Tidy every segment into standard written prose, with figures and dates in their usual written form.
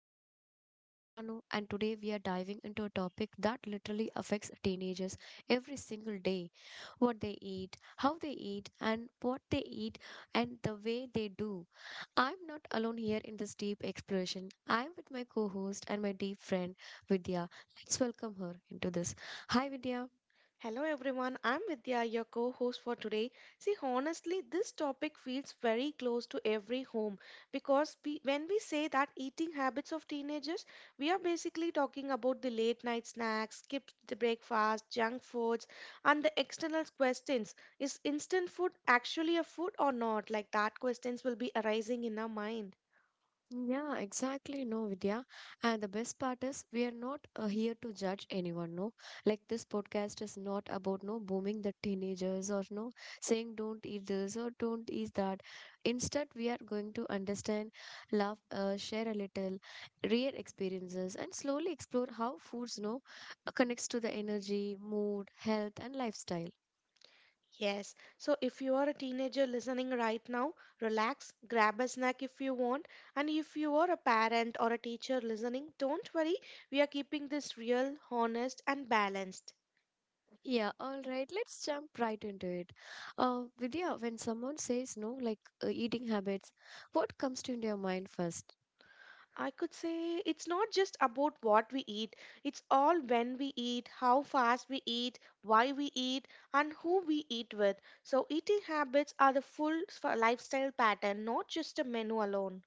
Voices. I'm your host Tanu and today we are diving into a topic that literally affects teenagers every single day. What they eat, how they eat and what they eat and the way they do. I'm not alone here in this deep exploration. I'm with my co-host and my deep friend Vidya. Let's welcome her into this. Hi Vidya. Hello everyone, I'm Vidya, your co host for today. See, honestly, this topic feels very close to every home because when we say that eating habits of teenagers, we are basically talking about the late night snacks, skipped the breakfast, junk foods, and the external questions. Is instant food actually a food or not? Like that questions will be arising in our mind. Yeah, exactly. No, Vidya. And the best part is, we are not here to judge anyone. No, like this podcast is not about no booming the teenagers or no saying don't eat this or don't eat that. Instead, we are going to understand, laugh, share a little, real experiences, and slowly explore how foods no connects to the energy, mood, health, and lifestyle. Yes. So if you are a teenager listening right now, relax, grab a snack if you want. And if you are a parent or a teacher listening, don't worry. We are keeping this real, honest, and balanced. Yeah, all right. Let's jump right into it. Vidya, when someone says no, like eating habits, what comes to your mind first? I could say it's not just about what we eat, it's all when we eat, how fast we eat, why we eat, and who we eat with. So, eating habits are the full lifestyle pattern, not just a menu alone.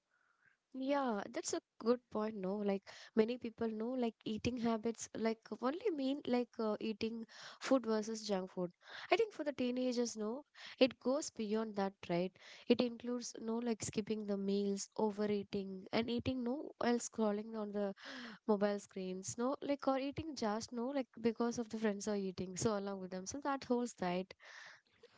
Yeah, that's a good point. No, like many people know, like eating habits, like only mean like eating food versus junk food. I think for the teenagers, no, it goes beyond that, right? It includes no, like skipping the meals, overeating, and eating no while scrolling on the mobile screens, no, like or eating just no, like because of the friends are eating, so along with them, so that holds right.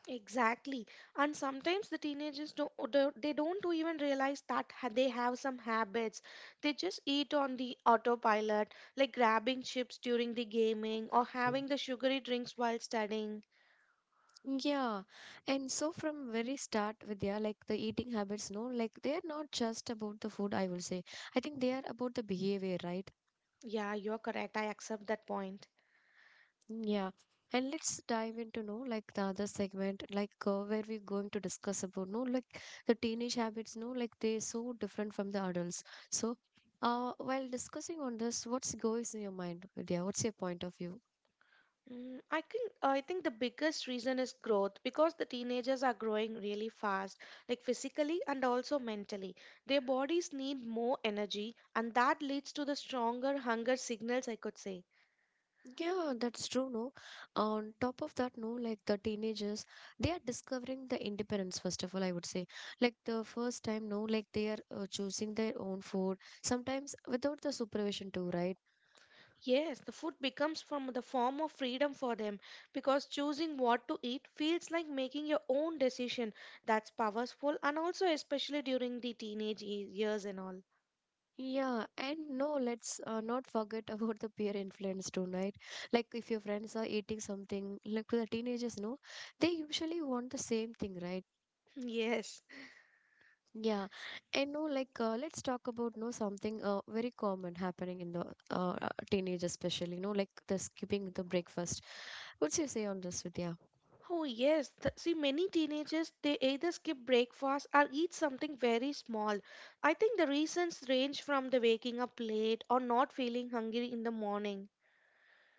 Exactly. And sometimes the teenagers don't do they don't do even realize that they have some habits. They just eat on the autopilot, like grabbing chips during the gaming or having the sugary drinks while studying. Yeah, and so from very start, Vidya, like the eating habits, no, like they are not just about the food. I will say, I think they are about the behavior, right? Yeah, you're correct. I accept that point. Yeah. And let's dive into no like the other segment like where we're going to discuss about no like the teenage habits no like they're so different from the adults. So, while discussing on this, what's goes in your mind, Vidya? What's your point of view? I think the biggest reason is growth because the teenagers are growing really fast, like physically and also mentally. Their bodies need more energy, and that leads to the stronger hunger signals, I could say. Yeah, that's true, no. On top of that, no, like the teenagers, they are discovering the independence, first of all, I would say. Like the first time, no, like they are choosing their own food, sometimes without the supervision too, right? Yes, the food becomes from the form of freedom for them because choosing what to eat feels like making your own decision. That's powerful and also especially during the teenage years and all. Yeah, and no, let's not forget about the peer influence too, right? Like if your friends are eating something, like the teenagers, no, they usually want the same thing, right? Yes. Yeah, and no, like let's talk about no something very common happening in the teenage, especially. No, like the skipping the breakfast. What's you say on this, Vidya? Oh yes. See, many teenagers they either skip breakfast or eat something very small. I think the reasons range from the waking up late or not feeling hungry in the morning.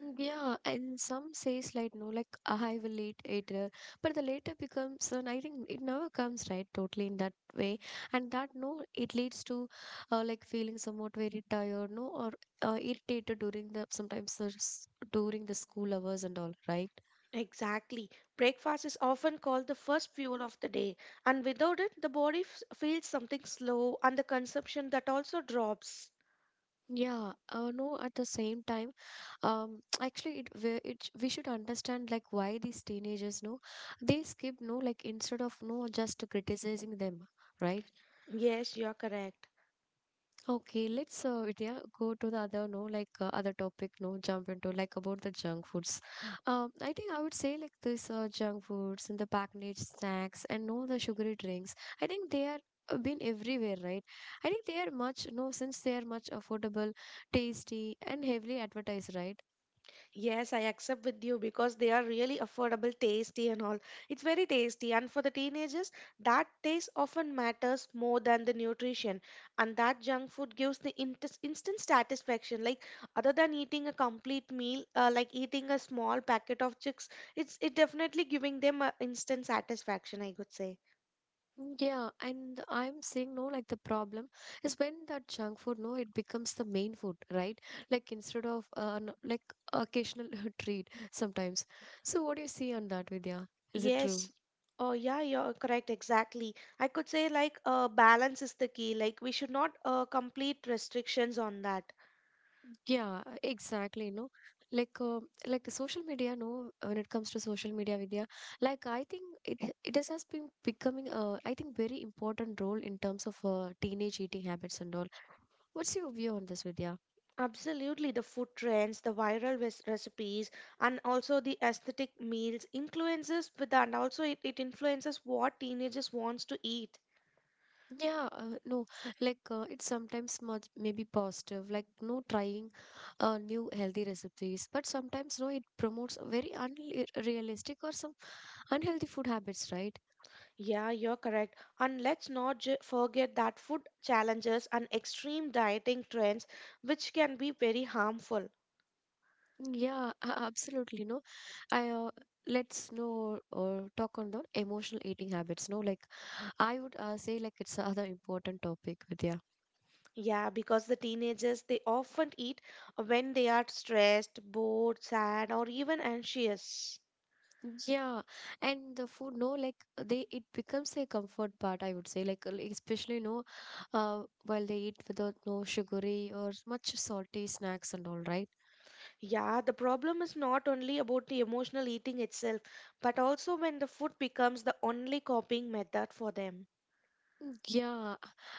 Mm, yeah, and some says like no, like I will eat later, but the later becomes, and I think it never comes right totally in that way, and that no, it leads to like feeling somewhat very tired, no, or irritated during the sometimes the during the school hours and all, right? Exactly. Breakfast is often called the first fuel of the day, and without it, the body feels something slow and the consumption that also drops. Yeah, no, at the same time, actually, it we should understand like why these teenagers, no, they skip, no, like instead of no, just criticizing them, right? Yes, you are correct. Okay, let's Vidya go to the other no like other topic no jump into like about the junk foods. I think I would say like this junk foods and the packaged snacks and no the sugary drinks. I think they are been everywhere, right? I think they are much no since they are much affordable, tasty and heavily advertised, right? Yes, I accept with you because they are really affordable, tasty, and all. It's very tasty. And for the teenagers, that taste often matters more than the nutrition. And that junk food gives the instant satisfaction. Like, other than eating a complete meal, like eating a small packet of chips, it definitely giving them a instant satisfaction, I could say. Mm, yeah, and I'm saying no, like the problem is when that junk food, no, it becomes the main food, right? Like instead of like occasional treat sometimes. So what do you see on that, Vidya? Is it true? Yes. Oh, yeah, you're correct. Exactly. I could say, like, balance is the key. Like, we should not complete restrictions on that. Yeah, exactly. No, like uh, like social media. No, when it comes to social media, Vidya, like I think it has been becoming I think very important role in terms of teenage eating habits and all. What's your view on this, Vidya? Absolutely, the food trends, the viral recipes, and also the aesthetic meals influences with that. And also, it influences what teenagers wants to eat. Yeah, no, like it's sometimes much maybe positive, like no trying new healthy recipes, but sometimes no, it promotes very unrealistic or some unhealthy food habits, right? Yeah, you're correct. And let's not forget that food challenges and extreme dieting trends, which can be very harmful. Yeah, absolutely. No, I let's know or talk on the emotional eating habits. No, like I would say, like it's another important topic, Vidya. Yeah, because the teenagers they often eat when they are stressed, bored, sad, or even anxious. Yeah, and the food, no, like they it becomes a comfort part, I would say. Like especially no, while they eat without no sugary or much salty snacks and all, right? Yeah, the problem is not only about the emotional eating itself, but also when the food becomes the only coping method for them. Mm, yeah,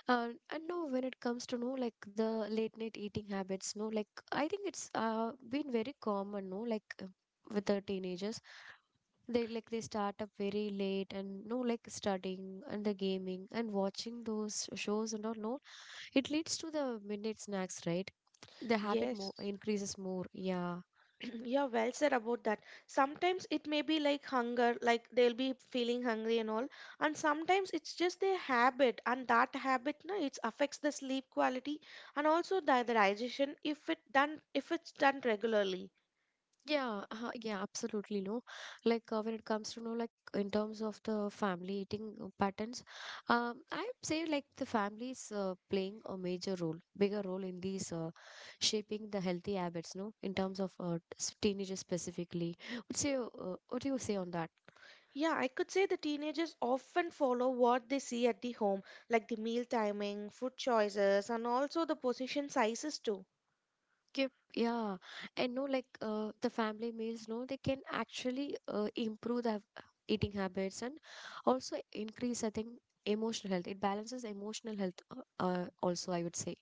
and no, when it comes to no, like the late night eating habits, no, like I think it's been very common, no, like with the teenagers, they like they start up very late and no, like studying and the gaming and watching those shows and all, no, it leads to the midnight snacks, right? The habit Yes, more increases more, yeah. yeah, well said about that. Sometimes it may be like hunger, like they'll be feeling hungry and all, and sometimes it's just their habit, and that habit, no, it affects the sleep quality and also the digestion if it's done regularly. Yeah, yeah, absolutely. No, like when it comes to know, like in terms of the family eating patterns, I would say like the family is playing a major role, bigger role in these shaping the healthy habits. No, in terms of teenagers specifically, what's your what do you say on that? Yeah, I could say the teenagers often follow what they see at the home, like the meal timing, food choices, and also the portion sizes too. Keep, yeah, and no, like the family meals, no, they can actually improve the eating habits and also increase, I think, emotional health. It balances emotional health, also, I would say.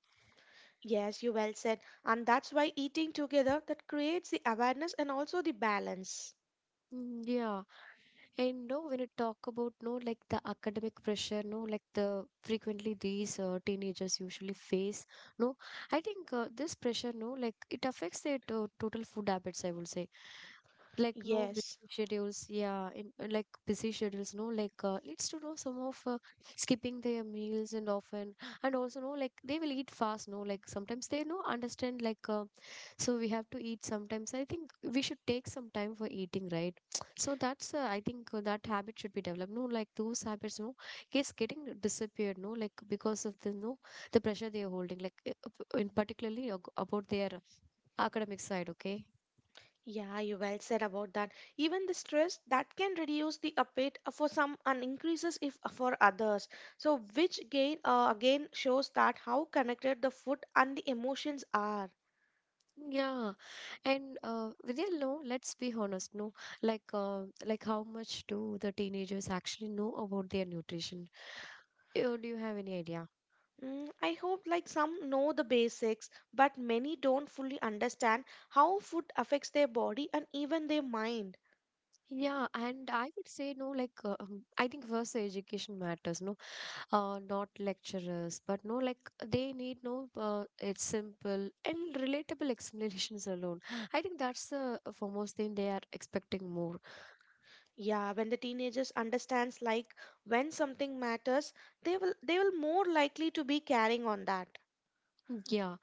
Yes, you well said. And that's why eating together that creates the awareness and also the balance. Mm, yeah. And no, when you talk about no, like the academic pressure, no, like the frequently these teenagers usually face, no, I think this pressure, no, like it affects their to total food habits, I will say. Like no busy Yes. schedules, yeah, in, like busy schedules, no, like leads to know some of skipping their meals and often, and also no, like they will eat fast, no, like sometimes they no understand like so we have to eat sometimes. I think we should take some time for eating, right? So that's, I think that habit should be developed. No, like those habits, no, it's getting disappeared, no, like because of the, no, the pressure they are holding, like in particularly about their academic side, okay? Yeah, you well said about that. Even the stress that can reduce the appetite for some and increases if for others. So which again shows that how connected the food and the emotions are. Yeah. And Vidya, no, let's be honest, no, like how much do the teenagers actually know about their nutrition? Do you have any idea? I hope like some know the basics, but many don't fully understand how food affects their body and even their mind. Yeah, and I would say no, like I think first the education matters, no not lecturers, but no, like they need no. It's simple and relatable explanations alone. I think that's the foremost thing they are expecting more. Yeah, when the teenagers understands like when something matters, they will more likely to be carrying on that. Yeah,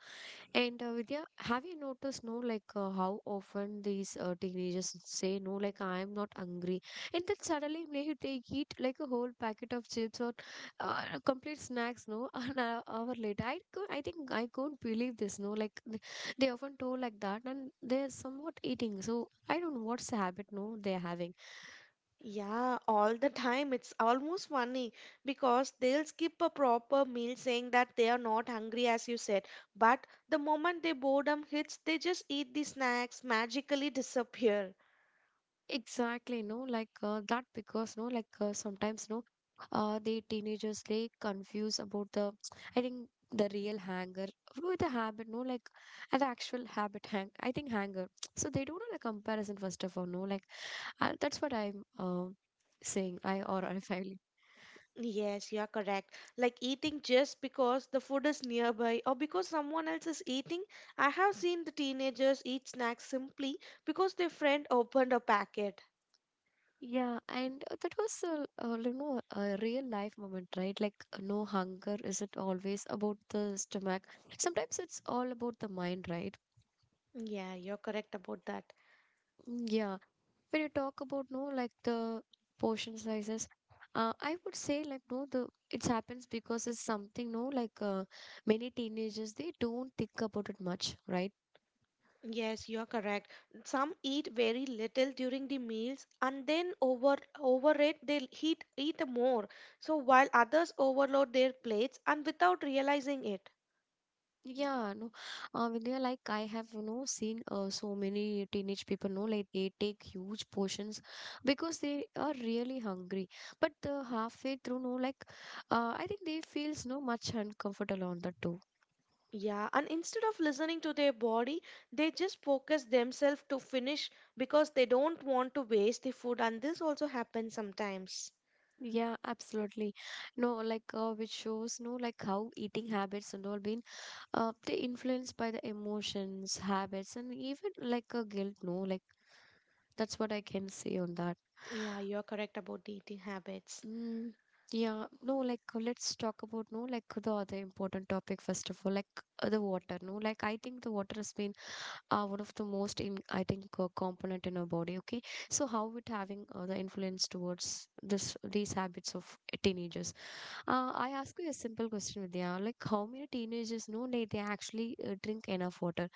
and Vidya, have you noticed, no, like how often these teenagers say, no, like I am not hungry, and then suddenly may they eat like a whole packet of chips or complete snacks, no, an hour later. I could, I think I couldn't believe this, no, like they often told like that, and they're somewhat eating. So I don't know what's the habit, no, they're having. Yeah, all the time it's almost funny because they'll skip a proper meal saying that they are not hungry as you said, but the moment their boredom hits, they just eat the snacks, magically disappear. Exactly, no, like that because no, like sometimes no, the teenagers they confuse about the, I think the real hanger with the habit, no, like the actual habit hang. I think hanger, so they don't know the comparison first of all, no, like that's what I'm saying. I finally. Yes, you are correct. Like eating just because the food is nearby or because someone else is eating. I have seen the teenagers eat snacks simply because their friend opened a packet. Yeah, and that was a you know a real life moment, right? Like no hunger isn't always about the stomach. Sometimes it's all about the mind, right? Yeah, you're correct about that. Mm, yeah, when you talk about no like the portion sizes I would say like no the it happens because it's something no like many teenagers they don't think about it much right Yes, you're correct. Some eat very little during the meals and then overeat. They eat more. So while others overload their plates and without realizing it. yeah no Vidya, like I have you know seen so many teenage people know like they take huge portions because they are really hungry but halfway through no like I think they feels no much uncomfortable on that too Yeah, and instead of listening to their body, they just focus themselves to finish because they don't want to waste the food, and this also happens sometimes. Yeah, absolutely. No, like which shows, no, like how eating habits and all been they influenced by the emotions, habits, and even like a guilt. No, like that's what I can say on that. Yeah, you're correct about the eating habits. Mm, yeah, no, like let's talk about no, like the other important topic first of all, like the water. No, like I think the water has been one of the most in I think component in our body. Okay, so how it having the influence towards this these habits of teenagers. I ask you a simple question, Vidya. Like, how many teenagers know they actually drink enough water?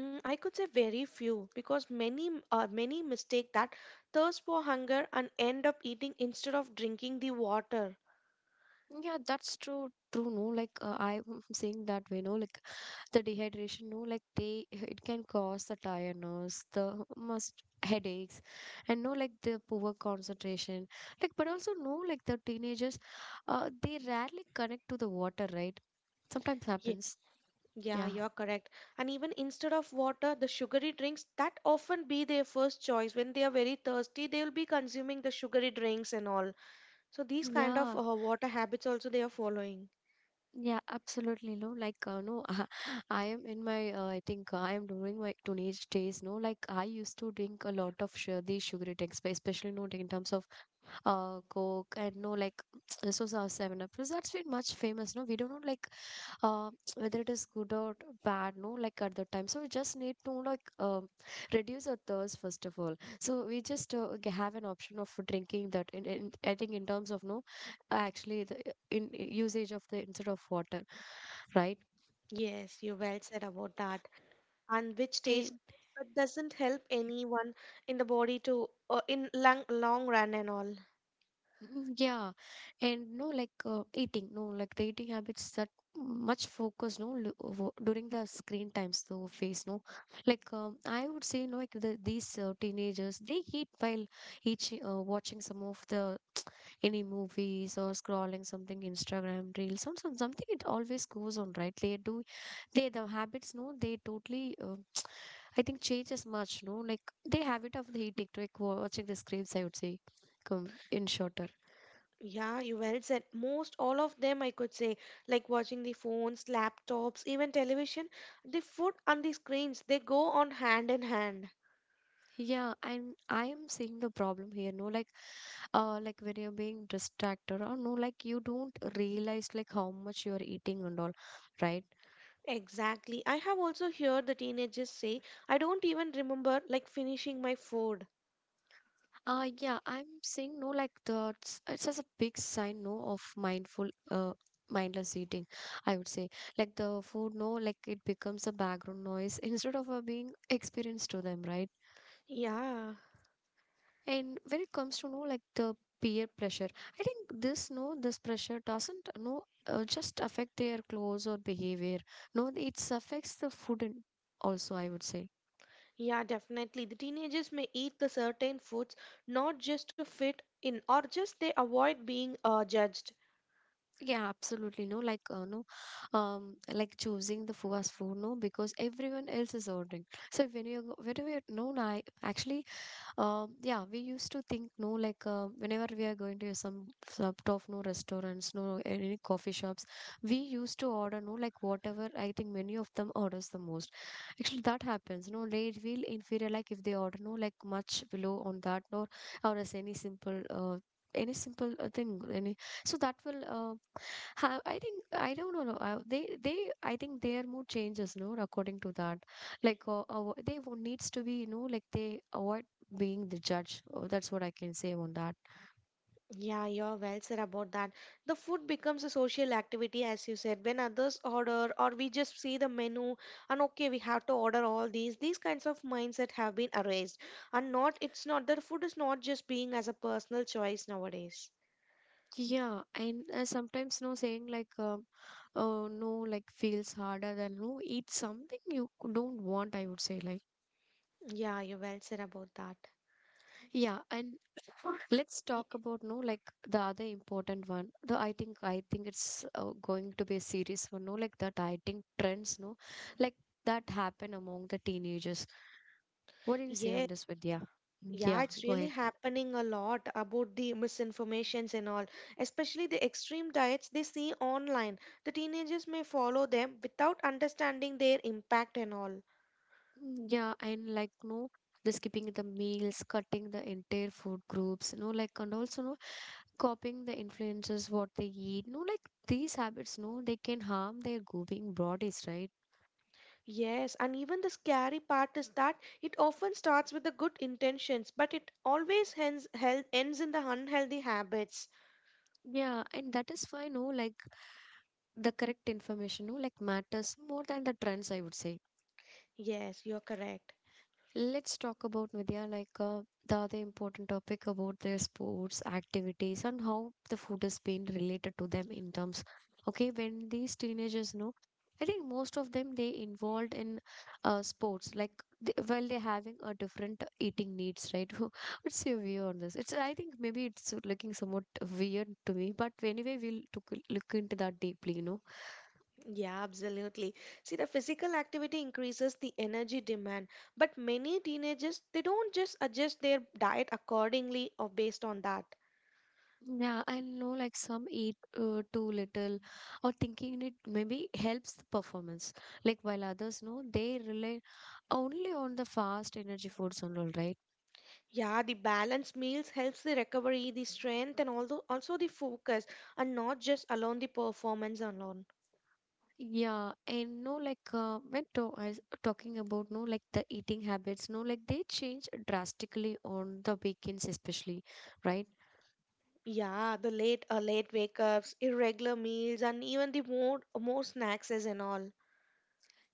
I could say very few because many mistake that thirst for hunger and end up eating instead of drinking the water. Yeah, that's true. True, no. Like, I'm saying that way, no. Like, the dehydration, no. Like, they it can cause the tiredness, the most headaches, and no, like the poor concentration. Like, but also no, like the teenagers, they rarely connect to the water, right? Sometimes Yeah, happens. yeah, Yeah, you're correct. And even instead of water, the sugary drinks that often be their first choice when they are very thirsty, they will be consuming the sugary drinks and all. So these kind of yeah. Water habits also they are following. Yeah, absolutely. No, like, no, I am in my, I think I am during my teenage days. No, like, I used to drink a lot of these sugary drinks, but especially, no, in terms of Coke and no, like, this was our 7 Up. Because that's been much famous. No, we don't know, like, uh, whether it is good or bad, no, like at that time, so we just need to, like, reduce our thirst first of all. So we just have an option of drinking that in, I think, in terms of no, actually the in usage of the instead of water, right? Yes, you well said about that. And which tastes And good but doesn't help anyone in the body to in long long run and all. mm, yeah, and no, like eating, no, like the eating habits that much focus, no, during the screen times, though, phase, no, like I would say, no, like these teenagers, they eat while each watching some of the any movies or scrolling something, Instagram reels, something. It always goes on, right? They do, they the habits, no, they totally. I think changes much, no, like they habit of the eating, like watching the screens. I would say, come in shorter. Yeah, you well said. Most all of them I could say, like watching the phones, laptops, even television, the food and the screens, they go on hand in hand. Yeah, and I am seeing the problem here. No, like when you're being distracted, or no, like you don't realize like how much you're eating and all, right? Exactly. I have also heard the teenagers say, I don't even remember like finishing my food. Yeah, I'm seeing no, like the it's just a big sign, no, of mindless eating. I would say, like the food, no, like it becomes a background noise instead of being experienced to them, right? Yeah. And when it comes to know like the peer pressure, I think this, no, this pressure doesn't, no, just affect their clothes or behavior. No, it affects the food and also, I would say. Yeah, definitely. The teenagers may eat the certain foods not just to fit in or just they avoid being judged. Yeah, absolutely. No, like no, like choosing the fast food. No, because everyone else is ordering. So when you whenever you, no, no, I actually yeah, we used to think, no, like whenever we are going to some sort of no restaurants, no any coffee shops, we used to order, no, like whatever. I think many of them orders the most. Actually, that happens. No, they will inferior, like if they order, no, like much below on that, or as any simple. Any simple thing, any, so that will I think, I don't know, they, I think their mood changes, no, according to that, like they needs to be, you know, like they avoid being the judge. Oh, that's what I can say on that. Yeah, you're well said about that. The food becomes a social activity, as you said. When others order, or we just see the menu, and okay, we have to order all these. These kinds of mindset have been erased, and not it's not that food is not just being as a personal choice nowadays. Yeah, and sometimes, no, saying like, oh no, like feels harder than no. It's something you don't want, I would say, like, Yeah, you're well said about that. yeah, and let's Y- talk about, no, like the other important one. The, I think it's going to be a serious one. No, like that, I think, trends. No, like that happen among the teenagers. What do you say on yes. this, Vidya? Yeah, Yeah, it's go really ahead. happening a lot about the misinformations and all, especially the extreme diets they see online. The teenagers may follow them without understanding their impact and all. Mm, yeah, and like no, the skipping the meals, cutting the entire food groups, no, like, and also no copying the influences what they eat, no, like these habits, no, they can harm their growing bodies, right? Yes, and even the scary part is that it often starts with the good intentions, but it always ends, ends in the unhealthy habits. Yeah, and that is why, no, like the correct information, no, like matters more than the trends, I would say. Yes, you're correct. Let's talk about, Vidya, like the other important topic about their sports activities and how the food is being related to them in terms. Okay, when these teenagers know, I think most of them they involved in sports, like they, while they're having a different eating needs, right? What's your view on this? It's, I think, maybe it's looking somewhat weird to me, but anyway, we'll look into that deeply, you know. Yeah, absolutely. See, the physical activity increases the energy demand, but many teenagers they don't just adjust their diet accordingly or based on that. Yeah, I know like some eat too little, or thinking it maybe helps the performance. Like, while others know they rely only on the fast energy foods and all, right? Yeah, the balanced meals helps the recovery, the strength, and also the focus, and not just alone the performance alone. Yeah, and no, like when to I was talking about, no, like the eating habits, no, like they change drastically on the weekends, especially, right? Yeah, the late wake ups, irregular meals, and even the more snacks and all.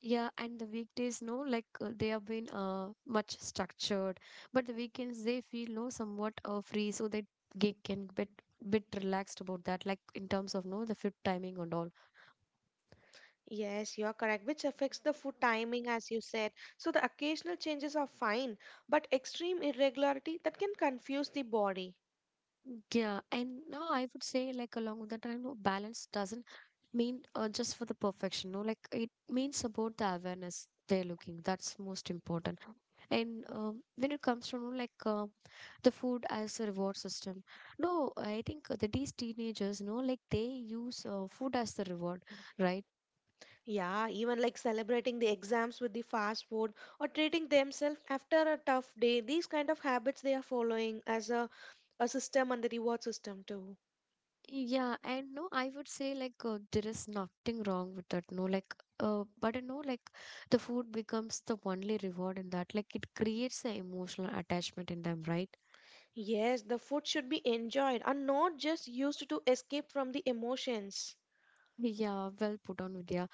Yeah, and the weekdays, no, like they have been much structured, but the weekends they feel no somewhat free, so they get, can bit relaxed about that, like in terms of no the fit timing and all. Yes, you are correct, which affects the food timing, as you said. So the occasional changes are fine, but extreme irregularity that can confuse the body. Yeah, and now I would say, like along with that, I know balance doesn't mean just for the perfection. No, like it means about the awareness they're looking. That's most important. And when it comes to, you know, like the food as a reward system, no, I think that these teenagers, you know, like they use food as the reward, right? Yeah, even like celebrating the exams with the fast food or treating themselves after a tough day, these kind of habits they are following as a system and the reward system too. Yeah, and no, I would say like there is nothing wrong with that. No, like, but you know, like the food becomes the only reward in that. Like, it creates an emotional attachment in them, right? Yes, the food should be enjoyed and not just used to escape from the emotions. Yeah, well put on, Vidya.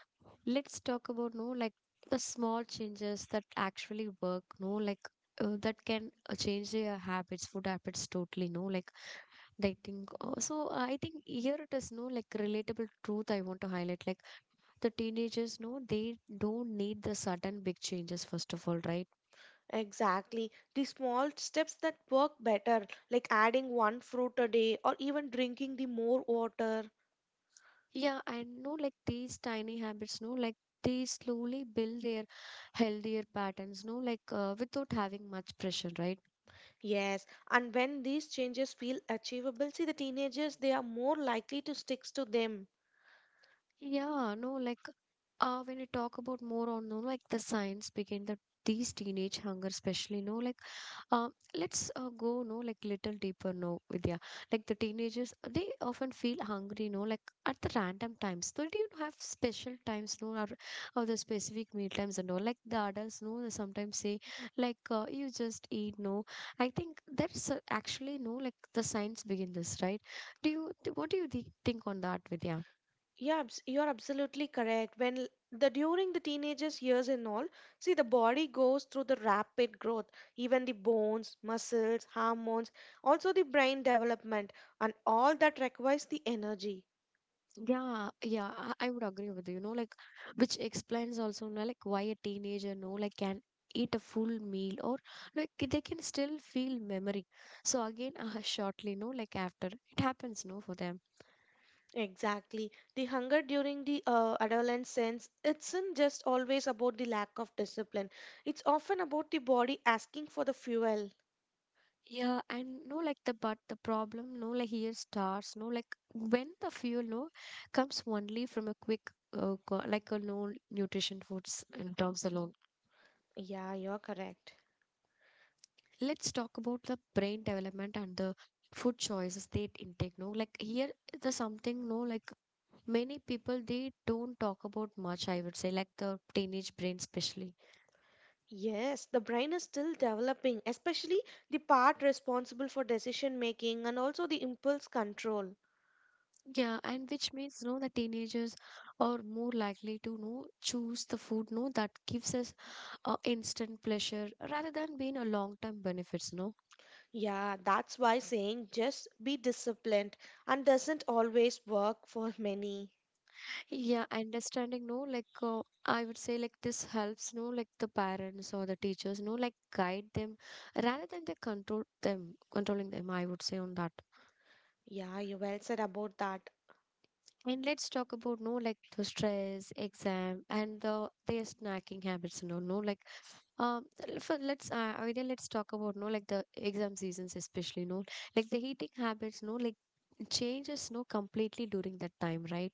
Let's talk about, no, like the small changes that actually work. No, like that can change their habits, food habits totally. No, like they think. So I think here it is, no, like relatable truth I want to highlight. Like, the teenagers, no, they don't need the sudden big changes, first of all, right? Exactly. The small steps that work better, like adding one fruit a day or even drinking the more water. Yeah, I know like these tiny habits, no, like they slowly build their healthier patterns, no, like without having much pressure, right? Yes, and when these changes feel achievable, see the teenagers, they are more likely to stick to them. Yeah, no, like when you talk about more on, no, like the science behind these teenage hunger, especially, no, like uh, let's go, no, like little deeper, no, Vidya. Like, the teenagers, they often feel hungry, no, like at the random times. So do you have special times, no, or the specific meal times and all? Like, the adults, no, they sometimes say, like you just eat, no. I think that's actually, no, like the science begin this, right? What do you think on that, Vidya? Yeah, you're absolutely correct. When the during the teenagers years and all, see the body goes through the rapid growth, even the bones, muscles, hormones, also the brain development, and all that requires the energy. Yeah, yeah, I would agree with you, you know, like which explains also, no, like why a teenager, no, like can eat a full meal or like they can still feel memory. So again, shortly, no, like after it happens, no, for them. Exactly. The hunger during the adolescence, it's not just always about the lack of discipline. It's often about the body asking for the fuel. Yeah, and no, like the but the problem, no, like here starts, no, like when the fuel, no, comes only from a quick, like a no nutrition foods and terms alone. Yeah, you're correct. Let's talk about the brain development and the food choices they intake, no, like here the something, no, like many people they don't talk about much, I would say, like the teenage brain especially. Yes, the brain is still developing, especially the part responsible for decision making and also the impulse control. Yeah, and which means, no, the teenagers are more likely to know choose the food, no, that gives us instant pleasure rather than being a long term benefits, no. Yeah, that's why saying just be disciplined and doesn't always work for many. Yeah, understanding, no, like I would say, like this helps, no, like the parents or the teachers, no, like guide them rather than they controlling them, I would say on that. Yeah, you well said about that. And let's talk about, no, like the stress, exam, and their snacking habits, no, no, like for let's Vidya, let's talk about, no, like the exam seasons, especially, no, like the eating habits, no, like changes, no, completely during that time, right?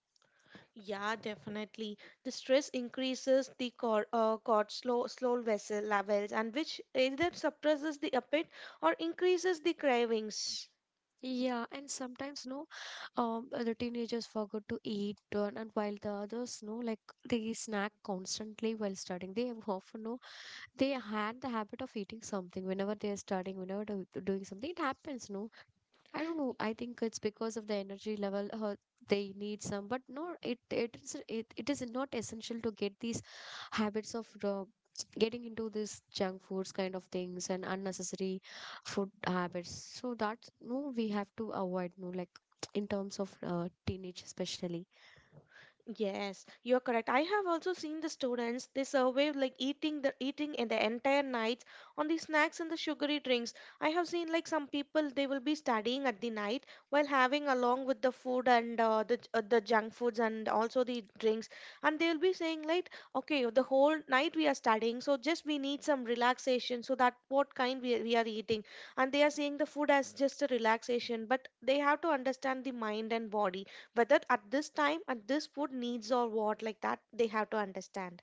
Yeah, definitely. The stress increases the cortisol slow vessel levels, and which either suppresses the appetite or increases the cravings. Yeah, and sometimes no, the teenagers forgot to eat, and while the others, no, like they snack constantly while studying. They have often no, they had the habit of eating something whenever they are studying, whenever they're doing something. It happens, no. I don't know. I think it's because of the energy level. They need some, but no, it is not essential to get these habits of getting into this junk foods kind of things and unnecessary food habits. So that's no, we have to avoid, no, like in terms of teenage especially. Yes, you're correct. I have also seen the students they survive like eating the eating in the entire nights on the snacks and the sugary drinks. I have seen like some people they will be studying at the night while having along with the food and the junk foods and also the drinks, and they will be saying like, okay, the whole night we are studying, so just we need some relaxation. So that what kind we are eating, and they are seeing the food as just a relaxation, but they have to understand the mind and body whether at this time at this food needs or what like that they have to understand.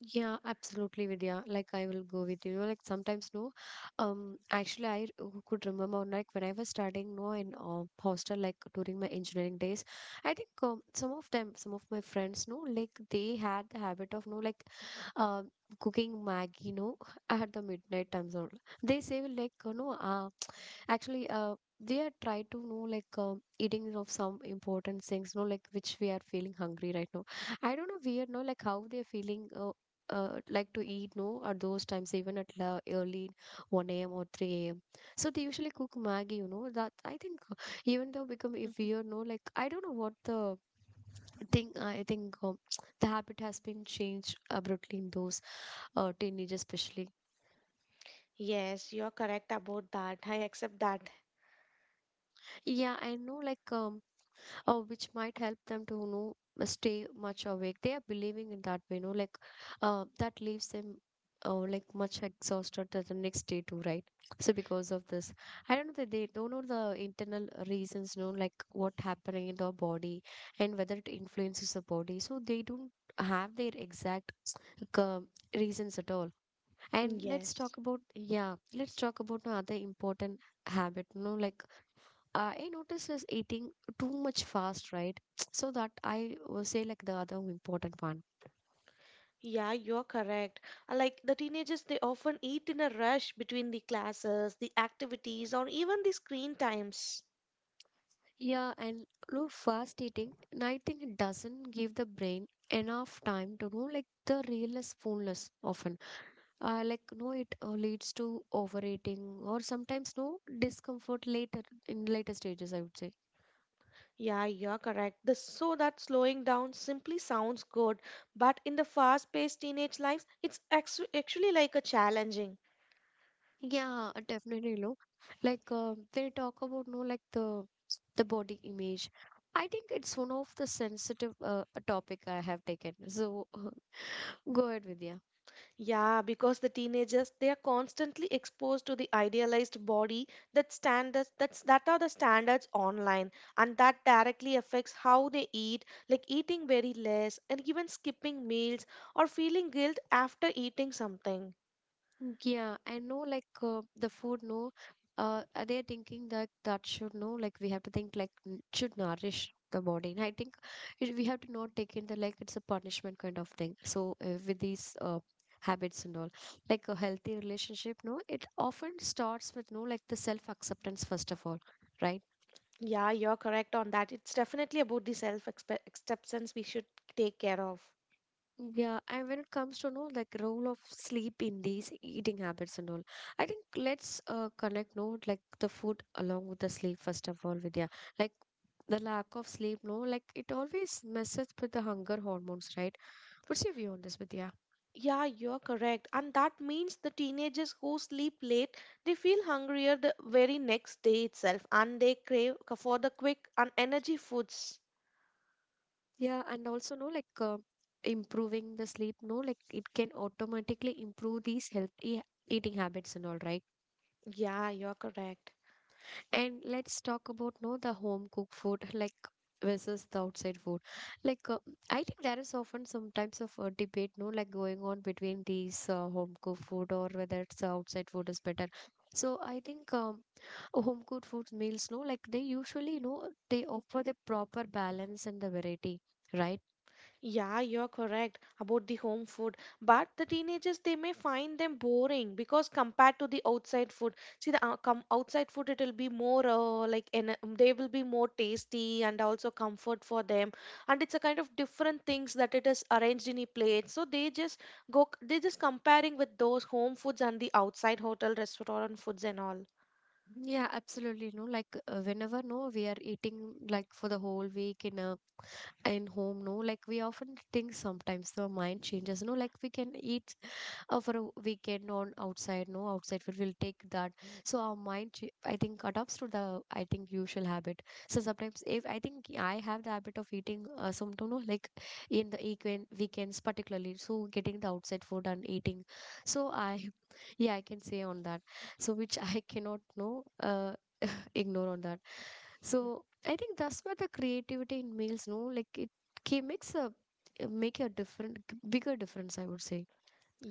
Yeah, absolutely, Vidya. Like, I will go with you. Like, sometimes, no. Actually, could remember like when I was studying, no, in hostel, like during my engineering days. I think some of my friends, no, like they had the habit of, no, like um, cooking Maggie, no, at the midnight time zone. They say like, actually, they are try to know like eating of some important things, no, like which we are feeling hungry right now. I don't know weird, no, like how they are feeling. Like to eat no at those times even at la early 1 a.m. or 3 a.m., so they usually cook maggie, you know that. I think even though become if Mhm. weird, no, like I don't know what the thing. I think the habit has been changed abruptly in those teenagers especially. Yes, you're correct about that. I accept that. Yeah, I know, like which might help them to, you know, stay much awake. They are believing in that way, you know, like that leaves them like much exhausted the next day too, right? So because of this, I don't know that they don't know the internal reasons, you know, like what happening in their body and whether it influences the body, so they don't have their exact uh, reasons at all. And let's Yes. talk about, yeah, let's talk about no other important habit, you know, like I noticed is eating too much fast, right? So that I will say like the other important one. Yeah, you're correct. Like the teenagers, they often eat in a rush between the classes, the activities, or even the screen times. Yeah, and no fast eating, and I think it doesn't give the brain enough time to know like the realness fullness often. Like no, it leads to overeating or sometimes no discomfort later in later stages, I would say. Yeah, you're correct. So that slowing down simply sounds good, but in the fast-paced teenage lives, it's actually like a challenging. Yeah, definitely, no. Like they talk about no, like the body image. I think it's one of the sensitive topic I have taken. So go ahead, Vidya. Yeah, because the teenagers, they are constantly exposed to the idealized body that standards that are the standards online, and that directly affects how they eat, like eating very less and even skipping meals or feeling guilt after eating something. Yeah, I know, like the food, no, they're thinking that that should no, like we have to think like should nourish the body. And I think it, we have to not take in the like it's a punishment kind of thing. So with these habits and all, like a healthy relationship, no, it often starts with no, like the self-acceptance first of all, right? Yeah, you're correct on that. It's definitely about the self acceptance we should take care of. Yeah, and when it comes to know like role of sleep in these eating habits and all, I think let's connect no like the food along with the sleep first of all, Vidya. Like the lack of sleep, no, like it always messes with the hunger hormones, right? What's your view on this, Vidya? Yeah, you're correct. And that means the teenagers who sleep late, they feel hungrier the very next day itself, and they crave for the quick and energy foods. Yeah, and also no like improving the sleep, no, like it can automatically improve these healthy eating habits and all, right? Yeah, you're correct. And let's talk about no the home cooked food like versus the outside food. Like I think there is often sometimes of a debate no like going on between these home cooked food or whether it's outside food is better. So I think home cooked food meals no like they usually, you know, they offer the proper balance and the variety, right? Yeah, you're correct about the home food. But the teenagers, they may find them boring because compared to the outside food, see the com outside food, it will be more like en they will be more tasty and also comfort for them. And it's a kind of different things that it is arranged in a plate. So they just go, they just comparing with those home foods and the outside hotel restaurant foods and all. Yeah, absolutely. No, like whenever no we are eating like for the whole week in a in home, no like we often think sometimes the mind changes, no like we can eat for a weekend on outside, no outside food will take that, so our I think adapts to the, I think, usual habit. So sometimes if I think I have the habit of eating some, you know, like in the weekend weekends particularly, so getting the outside food and eating, so I yeah, I can say on that, so which I cannot know ignore on that. So I think that's where the creativity in meals, no, like it ca- makes a make a different bigger difference, I would say.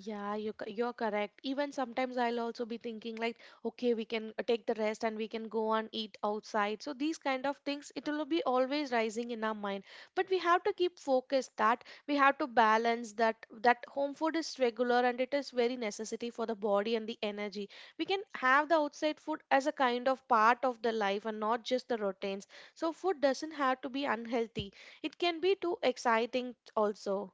Yeah, you're correct. Even sometimes I'll also be thinking like, okay, we can take the rest and we can go and eat outside. So these kind of things, it will be always rising in our mind. But we have to keep focused that we have to balance that home food is regular and it is very necessity for the body and the energy. We can have the outside food as a kind of part of the life and not just the routines. So food doesn't have to be unhealthy. It can be too exciting also.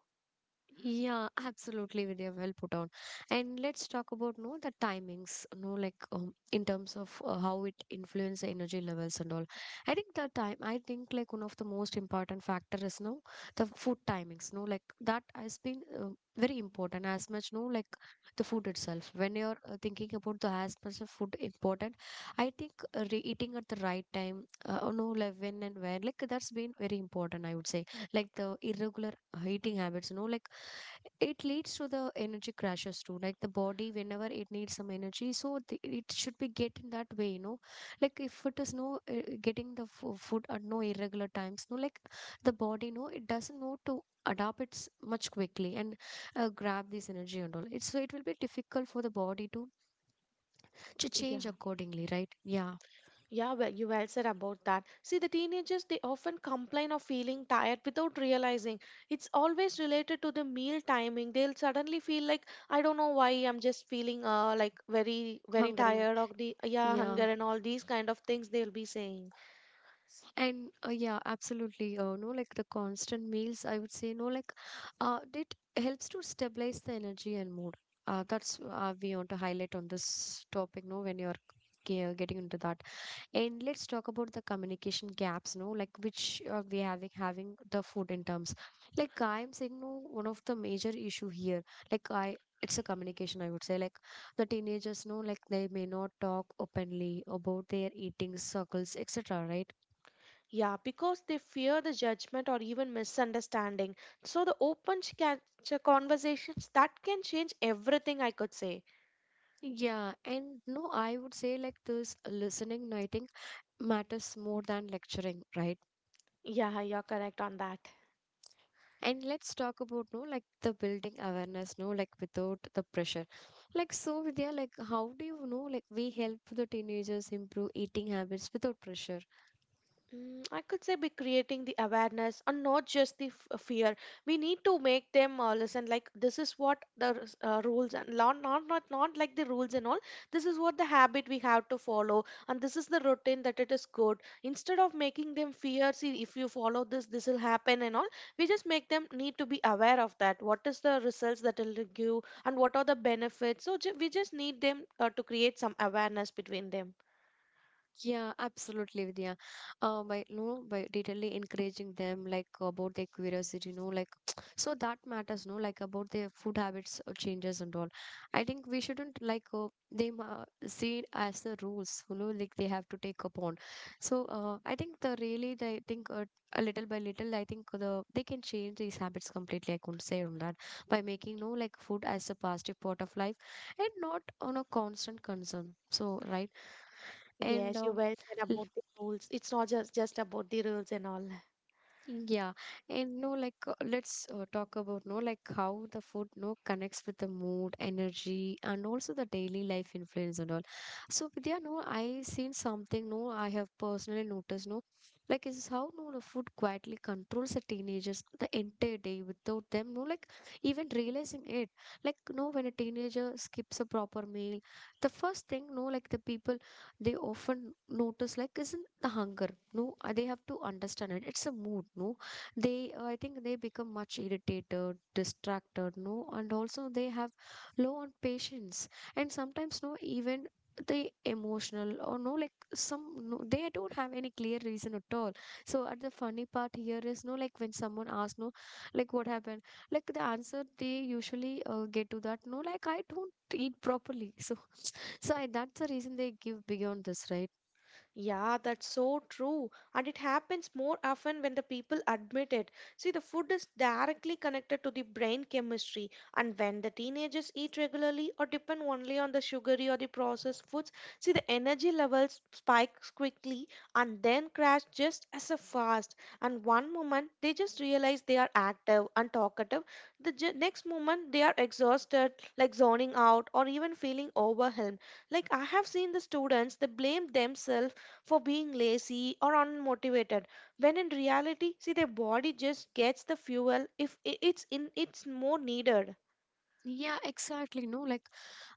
Yeah, absolutely, Vidya. Well put on. And let's talk about no the timings, no like in terms of how it influence the energy levels and all. I think the time, I think like one of the most important factor is no the food timings. No, like that has been very important as much. No, like the food itself. When you're thinking about the as much of food important, I think eating at the right time, no, like when and where, like that's been very important, I would say. Like the irregular eating habits, you know, like it leads to the energy crashes too, like the body whenever it needs some energy, so the, it should be getting that way, you know, like if it is no getting the food at no irregular times, no like the body no it doesn't know to adapt it's much quickly and grab this energy and all, it's so it will be difficult for the body to change Yeah. accordingly, right? Yeah, Yeah, well, you well said about that. See, the teenagers, they often complain of feeling tired without realizing. It's always related to the meal timing. They'll suddenly feel like, I don't know why I'm just feeling like very, very hungering, tired or yeah, yeah. hunger and all these kind of things they'll be saying. And yeah, absolutely. No, like the constant meals, I would say, no, like it helps to stabilize the energy and mood. That's we want to highlight on this topic. No, when you're getting into that, and let's talk about the communication gaps. No, like which we having the food in terms. Like I am saying, no, one of the major issue here. Like I. It's a communication, I would say. Like the teenagers know, like they may not talk openly about their eating circles, etc. Right? Yeah, because they fear the judgment or even misunderstanding. So the open conversations, that can change everything, I could say. Yeah, and no, I would say like this listening, I think matters more than lecturing, right? Yeah, you're correct on that. And let's talk about no, like the building awareness, no, like without the pressure. Like so, Vidya, like how do you know, like we help the teenagers improve eating habits without pressure? Mm, I could say be creating the awareness and not just the fear. We need to make them listen. Like this is what the rules and not, not not not like the rules and all. This is what the habit we have to follow, and this is the routine that it is good. Instead of making them fear, see if you follow this, this will happen and all. We just make them need to be aware of that. What is the results that it'll give, and what are the benefits? So we just need them to create some awareness between them. Yeah, absolutely, Vidya. By no, by detailedly encouraging them like about their curiosity, you know, like so that matters, no, like about their food habits or changes and all. I think we shouldn't like they see it as the rules, you know, like they have to take upon. So I think the really they think a little by little, I think they can change these habits completely, I couldn't say on that, by making no like food as a positive part of life and not on a constant concern. So right, and Yes, you well said l- about the rules. It's not just about the rules and all. yeah, and no like let's talk about no like how the food no connects with the mood energy and also the daily life influence and all. So Vidya, no, I seen something, no, I have personally noticed, no, like is how no the food quietly controls the teenagers the entire day without them, no, like even realizing it. Like no, when a teenager skips a proper meal, the first thing no like the people they often notice like isn't the hunger, no, they have to understand it, it's a mood, no, they I think they become much irritated, distracted, no, and also they have low on patience, and sometimes no even they emotional or no like some, no, they don't have any clear reason at all. So at the funny part here is no like when someone asks, no, like what happened, like the answer they usually get to that, no, like I don't eat properly so. So I, that's the reason they give beyond this, right? Yeah, that's so true. And it happens more often when the people admit it. See, the food is directly connected to the brain chemistry. And when the teenagers eat regularly or depend only on the sugary or the processed foods, see, the energy levels spikes quickly and then crash just as a fast. And one moment, they just realize they are active and talkative. The next moment, they are exhausted, like zoning out or even feeling overwhelmed. Like I have seen the students, they blame themselves for being lazy or unmotivated when in reality see their body just gets the fuel if I- it's in it's more needed. Yeah, exactly. No, like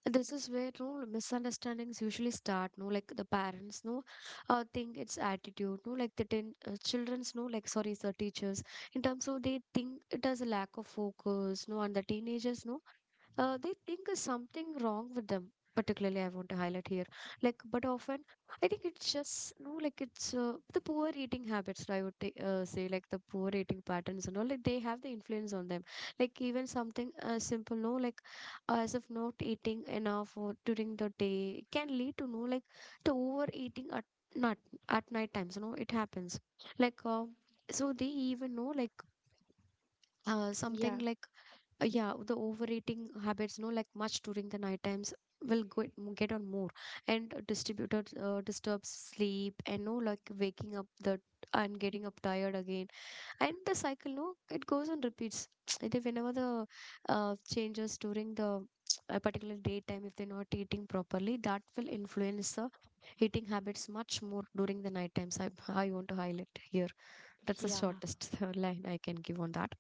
this is where no misunderstandings usually start. No, like the parents, no, think it's attitude. No, like childrens, no, like sorry, the teachers. In terms of they think it has a lack of focus, no, and the teenagers, no, they think there's something wrong with them, particularly I want to highlight here. Like but often I think it's just no like it's the poor eating habits, I would say, like the poor eating patterns and all, like they have the influence on them. Like even something simple no like as of not eating enough or during the day can lead to no like the overeating at not at night times, you know, it happens. Like so they even know like Yeah. something like yeah, the overeating habits no like much during the night times will go, get on more and distributed disturbs sleep and no like waking up the and getting up tired again, and the cycle no it goes on repeats. Either whenever the changes during the a particular daytime, if they're not eating properly that will influence the eating habits much more during the night times, I want to highlight here, that's the Yeah. shortest line I can give on that.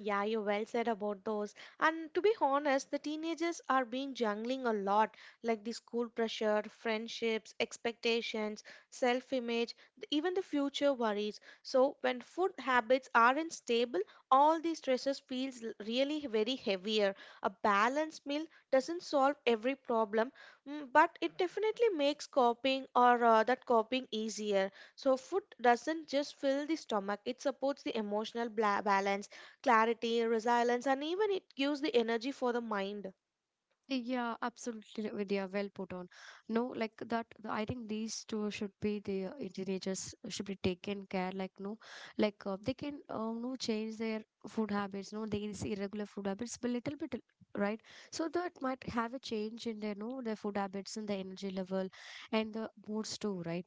Yeah, you well said about those. And to be honest, the teenagers are being juggling a lot, like the school pressure, friendships, expectations, self-image, even the future worries. So when food habits aren't stable, all these stresses feels really very heavier. A balanced meal doesn't solve every problem, mm, but it definitely makes coping or that coping easier. So food doesn't just fill the stomach; it supports the emotional bla balance, clarity, resilience, and even it gives the energy for the mind. Yeah, absolutely, Vidya. Well put on. No, like that. I think these two should be the teenagers should be taken care. Like no, like they can no change their food habits. No, these irregular food habits, but little bit, right? So that might have a change in their no their food habits and the energy level and the moods too, right?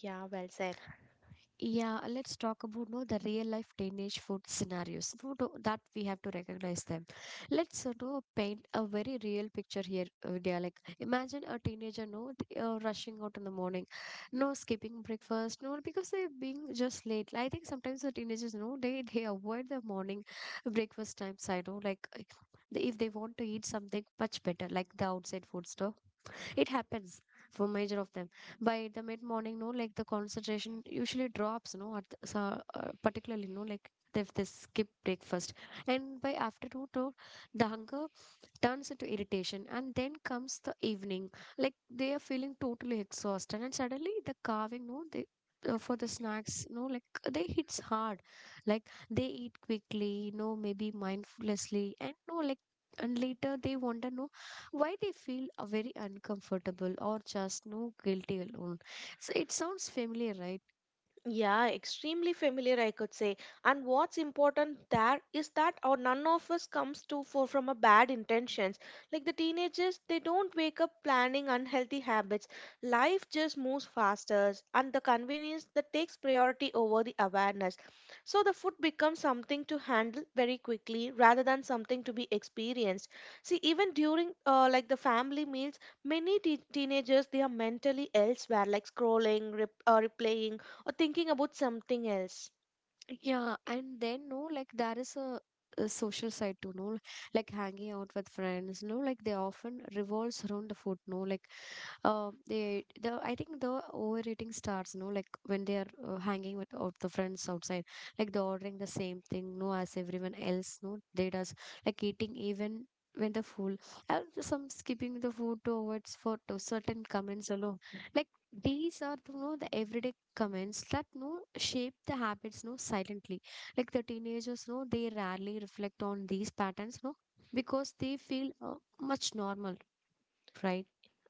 Yeah, well said. Yeah, let's talk about no the real life teenage food scenarios. No, no, that we have to recognize them. Let's no paint a very real picture here, Vidya. Like imagine a teenager no t- rushing out in the morning, no skipping breakfast, no because they're being just late. I think sometimes the teenagers no they avoid the morning breakfast times. I know like they- if they want to eat something much better like the outside food store, it happens for major of them by the mid morning no like the concentration usually drops no at the, so, particularly no like if they skip breakfast, and by afternoon no, the hunger turns into irritation, and then comes the evening like they are feeling totally exhausted and suddenly the carving no they for the snacks no like they hits hard like they eat quickly no maybe mindfulnessly and no like and later they wonder no why they feel very uncomfortable or just no guilty alone. So it sounds familiar, right? Yeah, extremely familiar, I could say. And what's important there is that our none of us comes to for from a bad intentions. Like the teenagers, they don't wake up planning unhealthy habits. Life just moves faster, and the convenience that takes priority over the awareness. So the food becomes something to handle very quickly rather than something to be experienced. See, even during like the family meals, many te teenagers they are mentally elsewhere, like scrolling, replaying or thinking about something else. Yeah, and then no, like there is a social side too, no, like hanging out with friends, no, like they often revolves around the food, no, like they the I think the overeating starts, no, like when they are hanging with out the friends outside, like they're ordering the same thing, no, as everyone else, no, they does like eating even when the full. And some skipping the food to avoid for to certain comments alone, like these are, you know, the everyday comments that no shape the habits no silently like the teenagers no they rarely reflect on these patterns no because they feel much normal, right?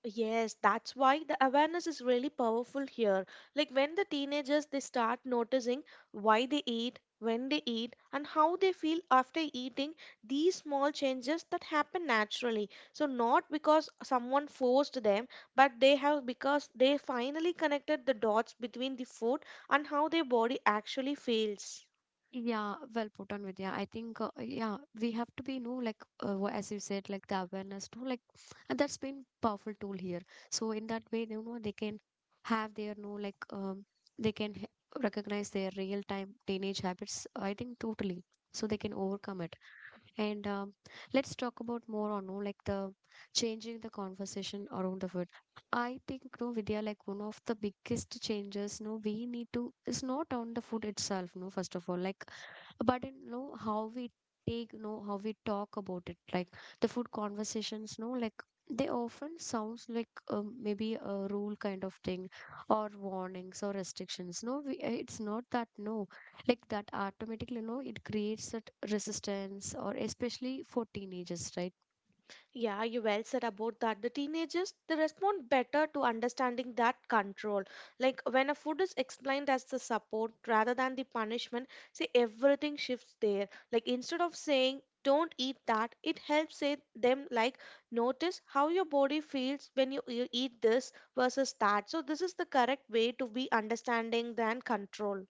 Yes, that's why the awareness is really powerful here. Like when the teenagers they start noticing why they eat, when they eat, and how they feel after eating, these small changes that happen naturally. So not because someone forced them, but they have because they finally connected the dots between the food and how their body actually feels. Yeah, well put on, Vidya. I think, yeah, we have to be, you know, like, wha- as you said, like the awareness, no, like, and that's been powerful tool here. So in that way, you know, they can have their, no, like, they can h- recognize their real time teenage habits. I think totally. So they can overcome it. And let's talk about more on, no, like the changing the conversation around the food. I think, no, Vidya, like one of the biggest changes, no, we need to is not on the food itself, no, first of all, like but in know how we take know how we talk about it like the food conversations no like they often sounds like maybe a rule kind of thing or warnings or restrictions no we, it's not that no like that automatically no it creates that resistance or especially for teenagers, right? Yeah, you well said about that. The teenagers they respond better to understanding that control. Like when a food is explained as the support rather than the punishment, see everything shifts there. Like instead of saying don't eat that, it helps say them like notice how your body feels when you eat this versus that. So this is the correct way to be understanding than control.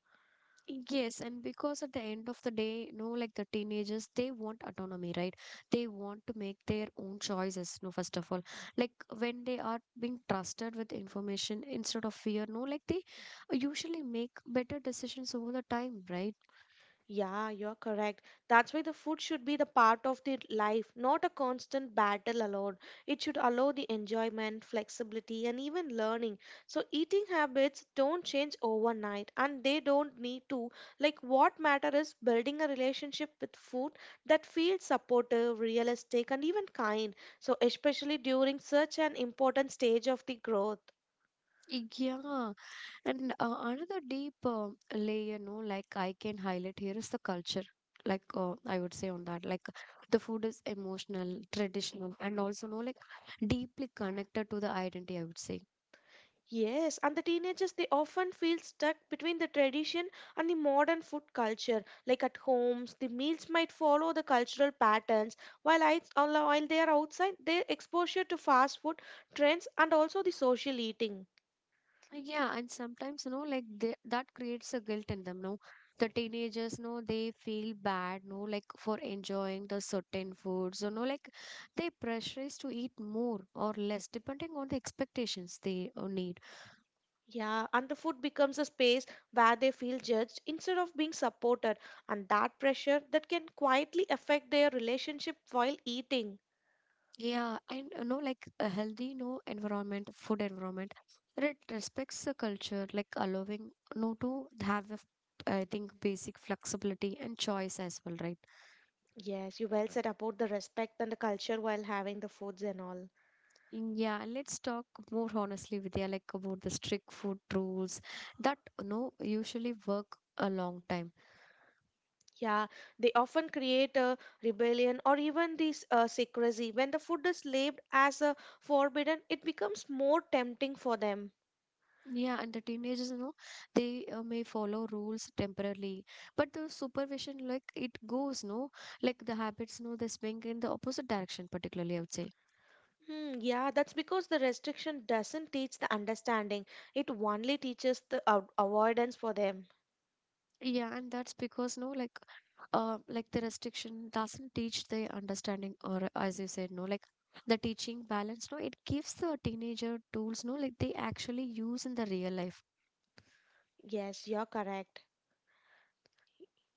Yes, and because at the end of the day, no, like the teenagers, they want autonomy, right? They want to make their own choices, no, first of all. Like when they are being trusted with information instead of fear, no, like they usually make better decisions over the time, right? Yeah, you're correct. That's why the food should be the part of the life, not a constant battle alone. It should allow the enjoyment, flexibility, and even learning. So eating habits don't change overnight and they don't need to. Like what matter is building a relationship with food that feels supportive, realistic, and even kind. So especially during such an important stage of the growth. Yeah. And another deep layer, no, like I can highlight here is the culture. Like I would say on that, like the food is emotional, traditional, and also no, like deeply connected to the identity. I would say, Yes, and the teenagers they often feel stuck between the tradition and the modern food culture. Like at homes, the meals might follow the cultural patterns, while while they are outside, their exposure to fast food trends and also the social eating. yeah, and sometimes, you know, like they, that creates a guilt in them. No, the teenagers, no, they feel bad, no, like for enjoying the certain foods, or no, like they pressurize to eat more or less depending on the expectations they need. Yeah, and the food becomes a space where they feel judged instead of being supported, and that pressure that can quietly affect their relationship while eating. Yeah, and you know, like a healthy, no, environment, food environment, it respects the culture, like allowing, no, to have a, f- I think, basic flexibility and choice as well, right? Yes, you well said about the respect and the culture while having the foods and all. Mm, yeah, let's talk more honestly, Vidya, like about the strict food rules that you know usually work a long time. Yeah, they often create a rebellion or even this secrecy. When the food is labeled as a forbidden, it becomes more tempting for them. Yeah, and the teenagers, you know, they may follow rules temporarily, but the supervision, like it goes, no, like the habits, no, they swing in the opposite direction, particularly, I would say. Hmm, yeah, that's because the restriction doesn't teach the understanding. It only teaches the avoidance for them. Yeah, and that's because no, like the restriction doesn't teach the understanding, or as you said, no, like the teaching balance. No, it gives the teenager tools. No, like they actually use in the real life. Yes, you're correct.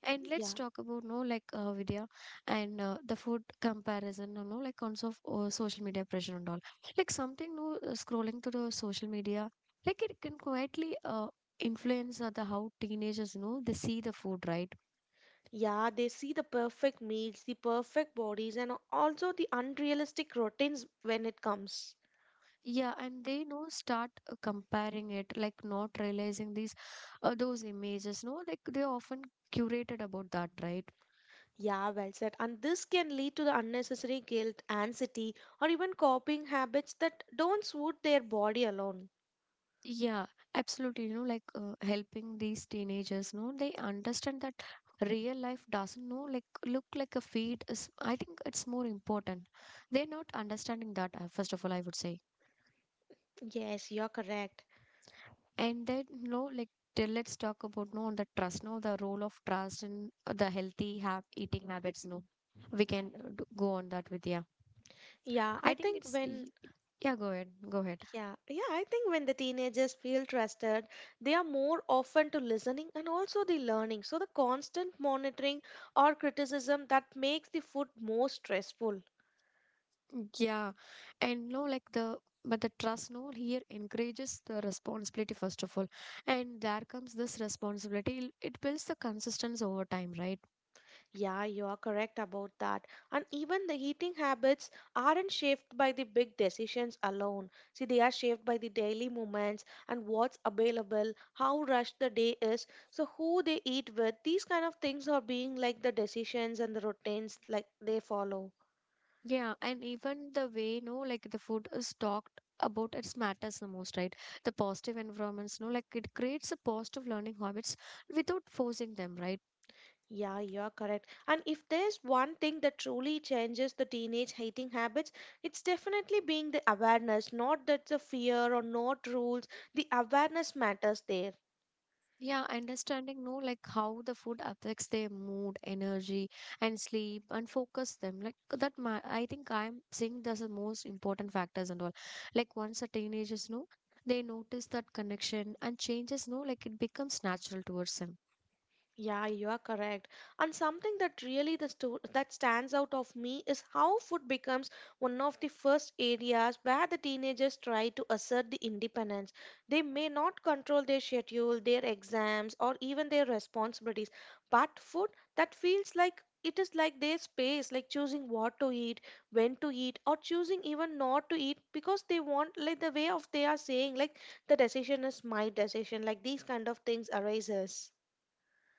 And let's Yeah. talk about no, like Vidya and the food comparison. You know, like cons of social media pressure and all. Like something no, scrolling through the social media, like it can quietly influence the how teenagers, you know, they see the food, right? Yeah, they see the perfect meals, the perfect bodies, and also the unrealistic routines when it comes. Yeah, and they know start comparing it, like not realizing these those images. No, like they're often curated about that, right? Yeah, well said. And this can lead to the unnecessary guilt, anxiety, or even coping habits that don't suit their body alone. Yeah, absolutely. You know, like helping these teenagers. No, they understand that real life doesn't know like look like a feed is. I think it's more important. They're not understanding that first of all. I would say, Yes, you're correct. and then no, like. Till let's talk about no on the trust, no the role of trust and the healthy have eating habits, no we can d- go on that with yeah. Yeah, I I think think it's when y- Yeah, go ahead. Go ahead. yeah, yeah, I think when the teenagers feel trusted, they are more open to listening and also the learning. So the constant monitoring or criticism that makes the food more stressful. Yeah. And no, like the but the trust no here encourages the responsibility first of all. And there comes this responsibility. It builds the consistency over time, right? Yeah, you are correct about that. And even the eating habits aren't shaped by the big decisions alone. See, they are shaped by the daily moments and what's available, how rushed the day is, so who they eat with. These kind of things are being like the decisions and the routines like they follow. Yeah. And even the way no, like the food is talked about it matters the most, right? The positive environments, no, like it creates a positive learning habits without forcing them, right? Yeah, you are correct. And if there's one thing that truly changes the teenage eating habits, it's definitely being the awareness, not that the fear or not rules. The awareness matters there. Yeah, understanding no like how the food affects their mood, energy, and sleep, and focus them like that. Ma- I think I'm seeing this the most important factors and all. Like once the teenagers know, they notice that connection and changes. No, like it becomes natural towards them. Yeah, you are correct. And something that really the that stands out of me is how food becomes one of the first areas where the teenagers try to assert the independence. They may not control their schedule, their exams, or even their responsibilities, but food that feels like it is like their space, like choosing what to eat, when to eat, or choosing even not to eat because they want like the way of they are saying like the decision is my decision, like these kind of things arises.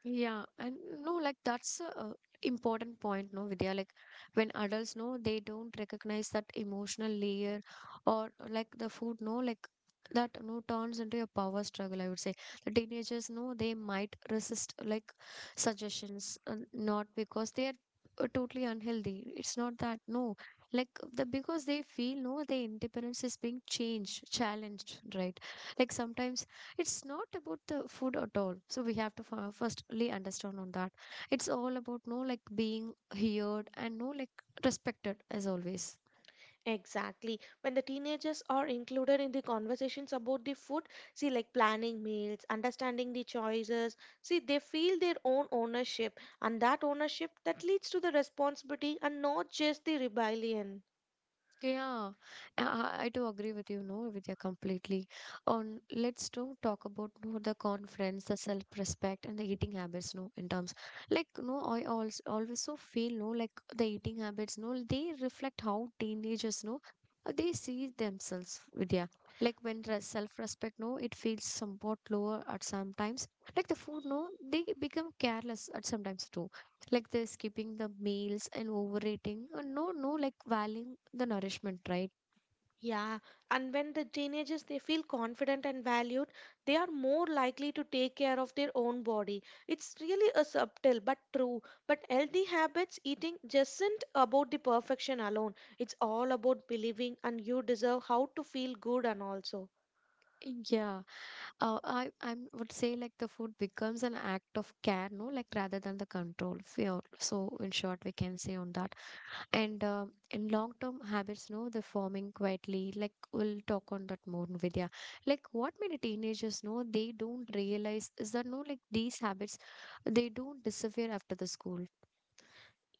Yeah, and no, like that's a important point, no, Vidya. Like when adults know they don't recognize that emotional layer or like the food, no, like that no turns into a power struggle, I would say. The teenagers know they might resist like suggestions, not because they are totally unhealthy. It's not that, no. Like the because they feel no, their independence is being changed, challenged, right? Like sometimes it's not about the food at all, so we have to f- firstly understand on that it's all about no like being heard and no like respected as always. Exactly. When the teenagers are included in the conversations about the food, see, like planning meals, understanding the choices, see, they feel their own ownership, and that ownership that leads to the responsibility and not just the rebellion. Yeah, I do agree with you, no, Vidya, completely. On let's do talk about no the confidence, the self-respect, and the eating habits, no, in terms like no, I also always so feel no like the eating habits, no, they reflect how teenagers no they see themselves, Vidya. Like when re self-respect, no, it feels somewhat lower at sometimes. Like the food, no, they become careless at sometimes too like they're skipping the meals and overeating no no like valuing the nourishment, right? Yeah, and when the teenagers they feel confident and valued, they are more likely to take care of their own body. It's really a subtle but true. But healthy habits eating just isn't about the perfection alone. It's all about believing and you deserve how to feel good and also. Yeah. I would say like the food becomes an act of care no like rather than the control fear, so in short we can say on that. And in long term habits no they're forming quietly like we'll talk on that more, Vidya, like what many teenagers know they don't realize is that no like these habits they don't disappear after the school.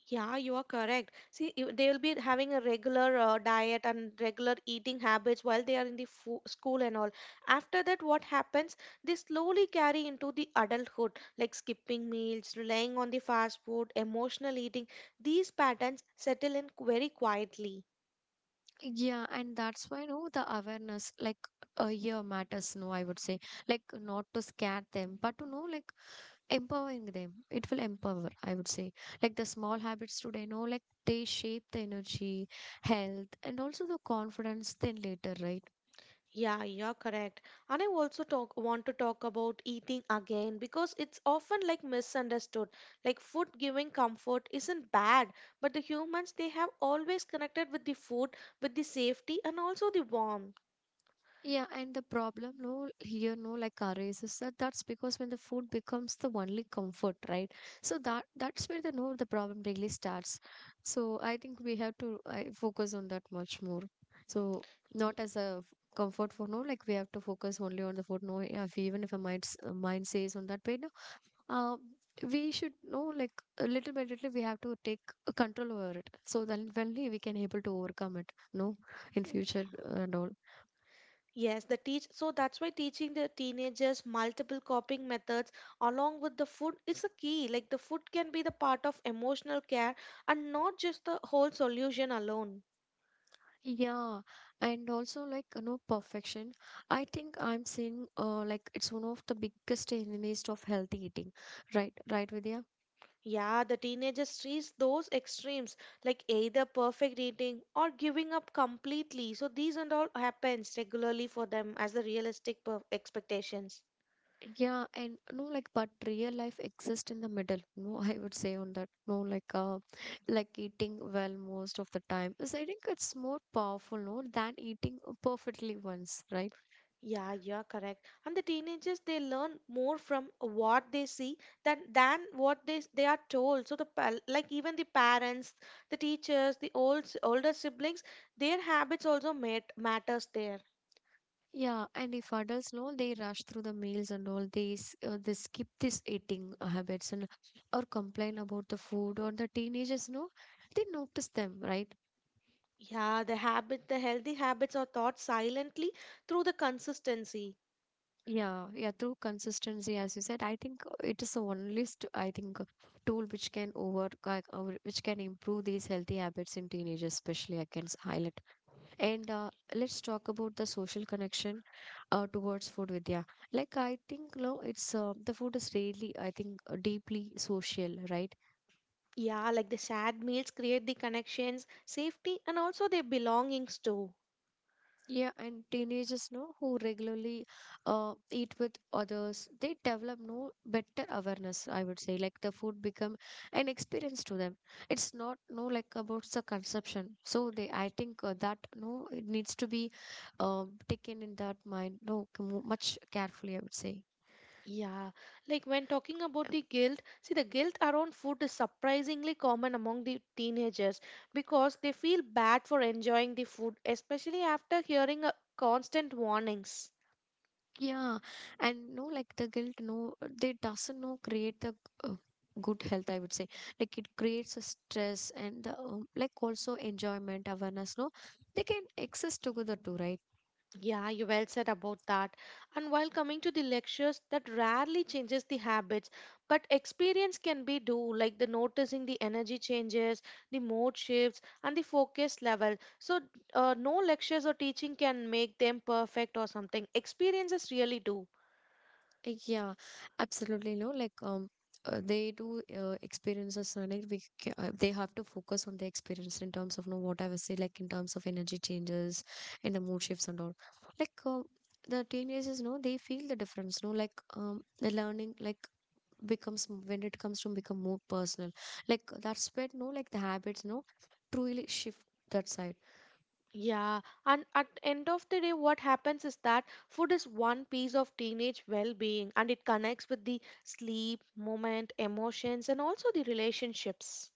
Yeah, you are correct. See, you- they will be having a regular diet and regular eating habits while they are in the fo school and all. After that, what happens? They slowly carry into the adulthood, like skipping meals, relying on the fast food, emotional eating. These patterns settle in very quietly. Yeah, and that's why, no, the awareness, like a year matters, no, I would say. Like, not to scare them, but to know, like, empowering them. It will empower, I would say. Like, the small habits today, no, like, they shape the energy, health, and also the confidence then later, right? Yeah, you're correct. And I also talk want to talk about eating again because it's often like misunderstood. Like food giving comfort isn't bad, but the humans they have always connected with the food, with the safety and also the warmth. Yeah, and the problem, no, here, no, like arrays is that that's because when the food becomes the only comfort, right? So that that's where the no, the problem really starts. So I think we have to focus on that much more. So Y- not as a f- comfort for no, like we have to focus only on the food. No, yeah, if even if a mind s- mind says on that way, no, uh, we should know like a little by little we have to take control over it. So then only we can able to overcome it. No, in future and all. Yes, the teach so that's why teaching the teenagers multiple coping methods along with the food is a key. Like the food can be the part of emotional care and not just the whole solution alone. Yeah, and also like you know perfection. I think I'm seeing like it's one of the biggest enemies of healthy eating. Right, right, Vidya? Yeah, the teenagers reach those extremes like either perfect eating or giving up completely. So these and all happens regularly for them as the expectations. Yeah, and no like but real life exists in the middle. No, I would say on that. No, like eating well most of the time. Because I think it's more powerful, no, than eating perfectly once, right? Yeah, you're correct. And the teenagers they learn more from what they see than what they are told. So like even the parents, the teachers, the older siblings, their habits also matters there. Yeah, and if adults know they rush through the meals and all these, they skip this eating habits and or complain about the food or the teenagers know they notice them, right? Yeah, the habit, the healthy habits are taught silently through the consistency. Yeah, yeah. Through consistency, as you said, I think it is the only st- I think tool which can over ki- over- which can improve these healthy habits in teenagers, especially I can s- highlight. And let's talk about the social connection towards food Vidya. Like I think no, it's the food is really, I think deeply social, right? Yeah, like the shared meals create the connections, safety, and also their belongings too. Yeah, and teenagers no, who regularly eat with others, they develop no better awareness, I would say. Like the food become an experience to them. It's not no like about the consumption, so they, I think that no, it needs to be taken in that mind no much carefully, I would say. Yeah, like when talking about the guilt, see, the guilt around food is surprisingly common among the teenagers because they feel bad for enjoying the food, especially after hearing constant warnings. Yeah, and no, like the guilt, no, they doesn't no create the uh, good health, I would say. Like it creates a stress, and the like also enjoyment, awareness, no, they can exist together too, right? Yeah, you well said about that. And while coming to the lectures, that rarely changes the habits, but experience can be do like the noticing the energy changes, the mode shifts, and the focus level. So no lectures or teaching can make them perfect or something. Experiences really do. Yeah, absolutely, no, like they do experiences, like they have to focus on the experience in terms of no, what I was say, like in terms of energy changes and the mood shifts and all, like. The teenagers no, they feel the difference, no, like the learning like becomes when it comes to become more personal. Like that's where no, like the habits no truly shift that side. Yeah, and at end of the day, what happens is that food is one piece of teenage well-being, and it connects with the sleep, moment, emotions, and also the relationships.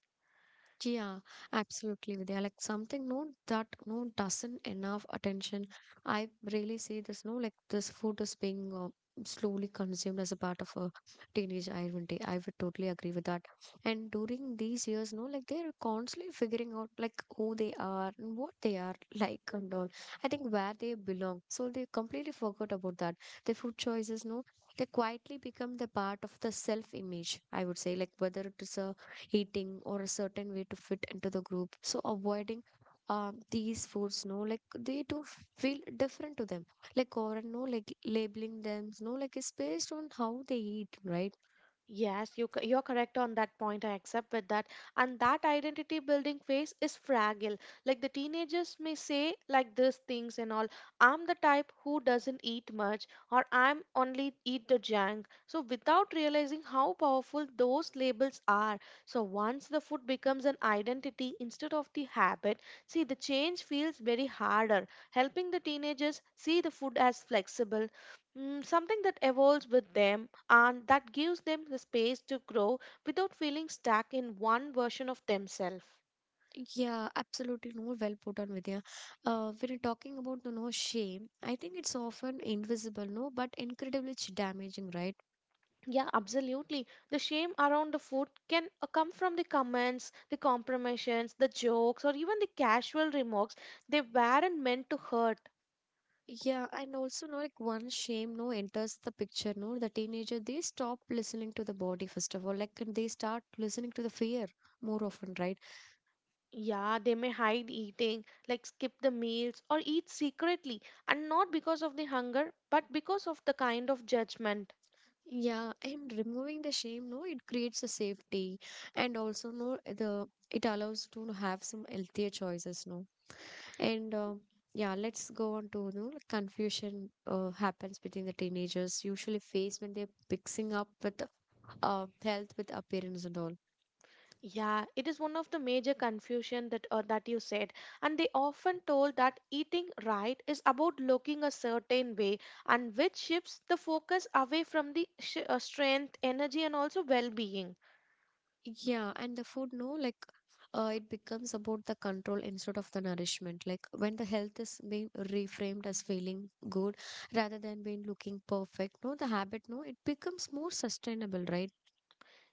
Yeah, absolutely, Vidya. Like something no that no doesn't enough attention. I really see this no, like this food is being slowly consumed as a part of a teenage identity. I would totally agree with that. And during these years, no, like they are constantly figuring out like who they are and what they are like and all. I think where they belong. So they completely forgot about that. Their food choices, no, they quietly become the part of the self image. I would say, like whether it is a eating or a certain way to fit into the group, so avoiding these foods no, like they do feel different to them, like. Or no, like labeling them, no, like it's based on how they eat, right? Yes, you're correct on that point. I accept with that. And that identity building phase is fragile. Like the teenagers may say, like these things and all, I'm the type who doesn't eat much, or I'm only eat the junk. So, without realizing how powerful those labels are. So, once the food becomes an identity instead of the habit, see, the change feels very harder. Helping the teenagers see the food as flexible, Mm, something that evolves with them and that gives them the space to grow without feeling stuck in one version of themselves. Yeah, absolutely, no, well put on Vidya. When you're talking about the no shame, I think it's often invisible no but incredibly damaging, right? Yeah, absolutely. The shame around the food can come from the comments, the compromisions, the jokes, or even the casual remarks. They weren't meant to hurt. Yeah, and also no, like one shame no enters the picture no, the teenager, they stop listening to the body first of all, like, and they start listening to the fear more often, right? Yeah, they may hide eating, like skip the meals, or eat secretly, and not because of the hunger, but because of the kind of judgment. Yeah, and removing the shame no, it creates a safety, and also no the it allows to have some healthier choices no, and yeah, let's go on to no like confusion happens between the teenagers usually faced when they're mixing up with health with appearance and all. Yeah, it is one of the major confusion that that you said, and they often told that eating right is about looking a certain way, and which shifts the focus away from the strength, energy, and also well-being. Yeah, and the food, no, like it becomes about the control instead of the nourishment. Like when the health is being reframed as feeling good rather than being looking perfect, no, the habit, no, it becomes more sustainable, right?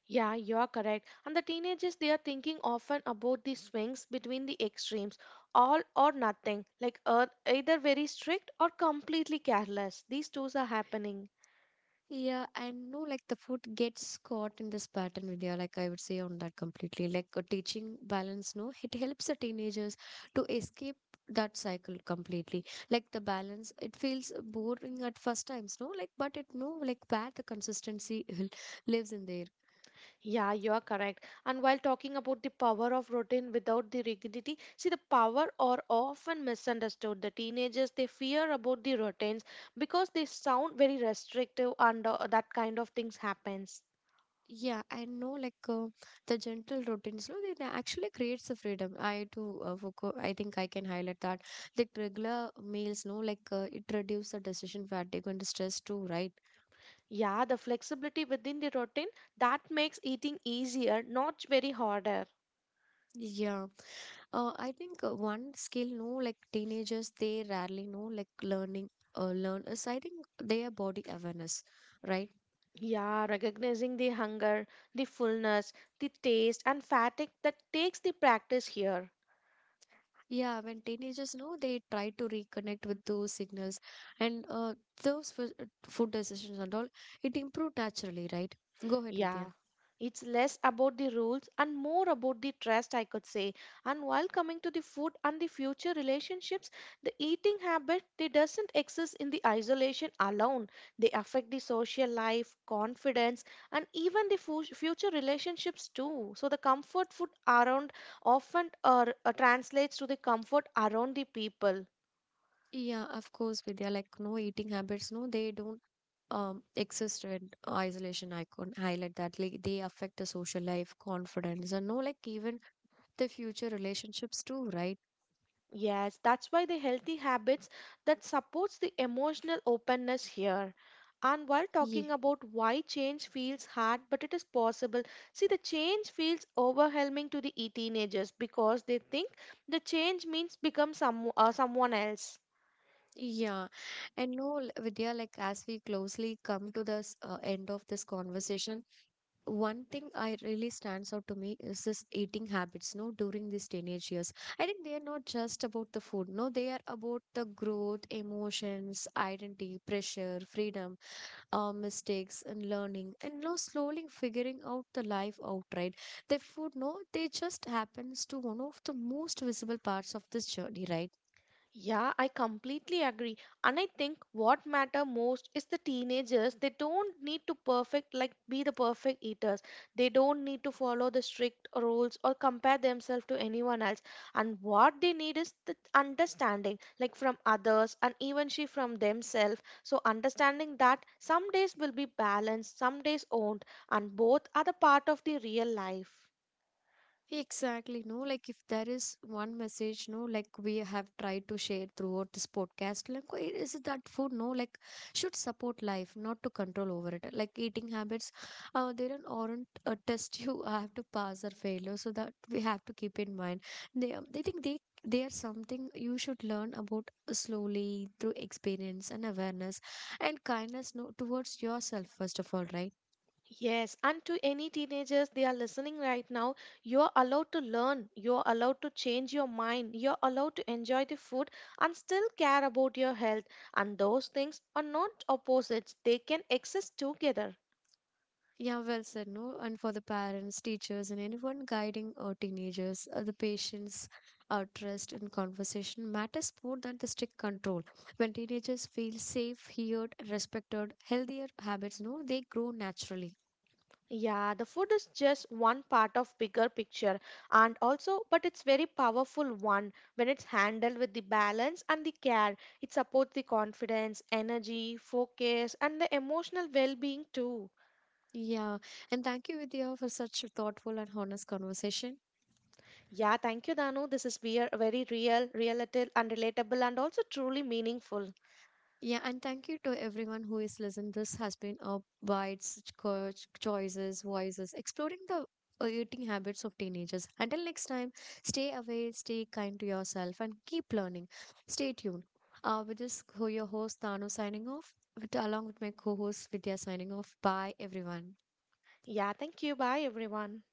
Yeah, you are correct. And the teenagers they are thinking often about the swings between the extremes, all or nothing, like either very strict or completely careless. These two are happening. Yeah, I know, like the food gets caught in this pattern, Vidya. Like I would say on that completely. Like a teaching balance, no, it helps the teenagers to escape that cycle completely. Like the balance, it feels boring at first times, no, like but it no like where the consistency will- lives in there. Yeah, you are correct. And while talking about the power of routine without the rigidity, see the power are often misunderstood. The teenagers they fear about the routines because they sound very restrictive and that kind of things happens. Yeah, I know like the gentle routines, no, they actually creates the freedom. I too, I think I can highlight that. Like regular meals, no, like it reduces the decision fatigue and stress too, right? Yeah, the flexibility within the routine that makes eating easier, not very harder. Yeah, I think one skill, no, like teenagers, they rarely know, like learning, learn is I think their body awareness, right? Yeah, recognizing the hunger, the fullness, the taste and fatigue that takes the practice here. Yeah, when teenagers know, they try to reconnect with those signals, and those food decisions and all, it improved naturally, right? Go ahead, Vidya. Yeah, it's less about the rules and more about the trust, I could say. And while coming to the food and the future relationships, the eating habit they doesn't exist in the isolation alone. They affect the social life, confidence, and even the future relationships too. So the comfort food around often translates to the comfort around the people. Yeah, of course, Vidya, like no eating habits, no, they don't exist in isolation. I can highlight that, like they affect the social life, confidence, and no, like even the future relationships too, right? Yes, that's why the healthy habits that supports the emotional openness here. And while talking Ye- about why change feels hard, but it is possible. See, the change feels overwhelming to the teenagers because they think the change means become someone else. Yeah, and no, l- Vidya, like as we closely come to this end of this conversation, one thing I really stands out to me is this eating habits, no, during these teenage years. I think they are not just about the food, no, they are about the growth, emotions, identity, pressure, freedom, mistakes, and learning, and no, slowly figuring out the life outright. The food, no, they just happens to one of the most visible parts of this journey, right? Yeah, I completely agree. And I think what matter most is the teenagers. They don't need to perfect like be the perfect eaters. They don't need to follow the strict rules or compare themselves to anyone else. And what they need is the understanding like from others and even she from themselves. So understanding that some days will be balanced, some days won't, and both are the part of the real life. Exactly, no, like if there is one message, no, like we have tried to share throughout this podcast, like why is it that food, no, like should support life, not to control over it. Like eating habits, they don't aren't a test you have to pass or fail, so that we have to keep in mind. They think they are something you should learn about slowly through experience and awareness and kindness, no, towards yourself first of all, right? Yes, and to any teenagers they are listening right now, you're allowed to learn, you're allowed to change your mind, you're allowed to enjoy the food and still care about your health. And those things are not opposites, they can exist together. Yeah, well said, no? And for the parents, teachers, and anyone guiding teenagers, the patience, trust, and conversation matters more than the strict control. When teenagers feel safe, heard, respected, healthier habits, no, they grow naturally. Yeah, the food is just one part of bigger picture and also but it's very powerful one when it's handled with the balance and the care. It supports the confidence, energy, focus and the emotional well-being too. Yeah, and thank you, Vidya, for such thoughtful and honest conversation. Yeah, thank you, Danu. This is very real, relatable, and also truly meaningful. Yeah, and thank you to everyone who is listening. This has been a wide such choices, voices, exploring the eating habits of teenagers. Until next time, stay away, stay kind to yourself, and keep learning. Stay tuned. With this, who your host Tanu signing off, with, along with my co-host Vidya signing off. Bye, everyone. Yeah, thank you. Bye, everyone.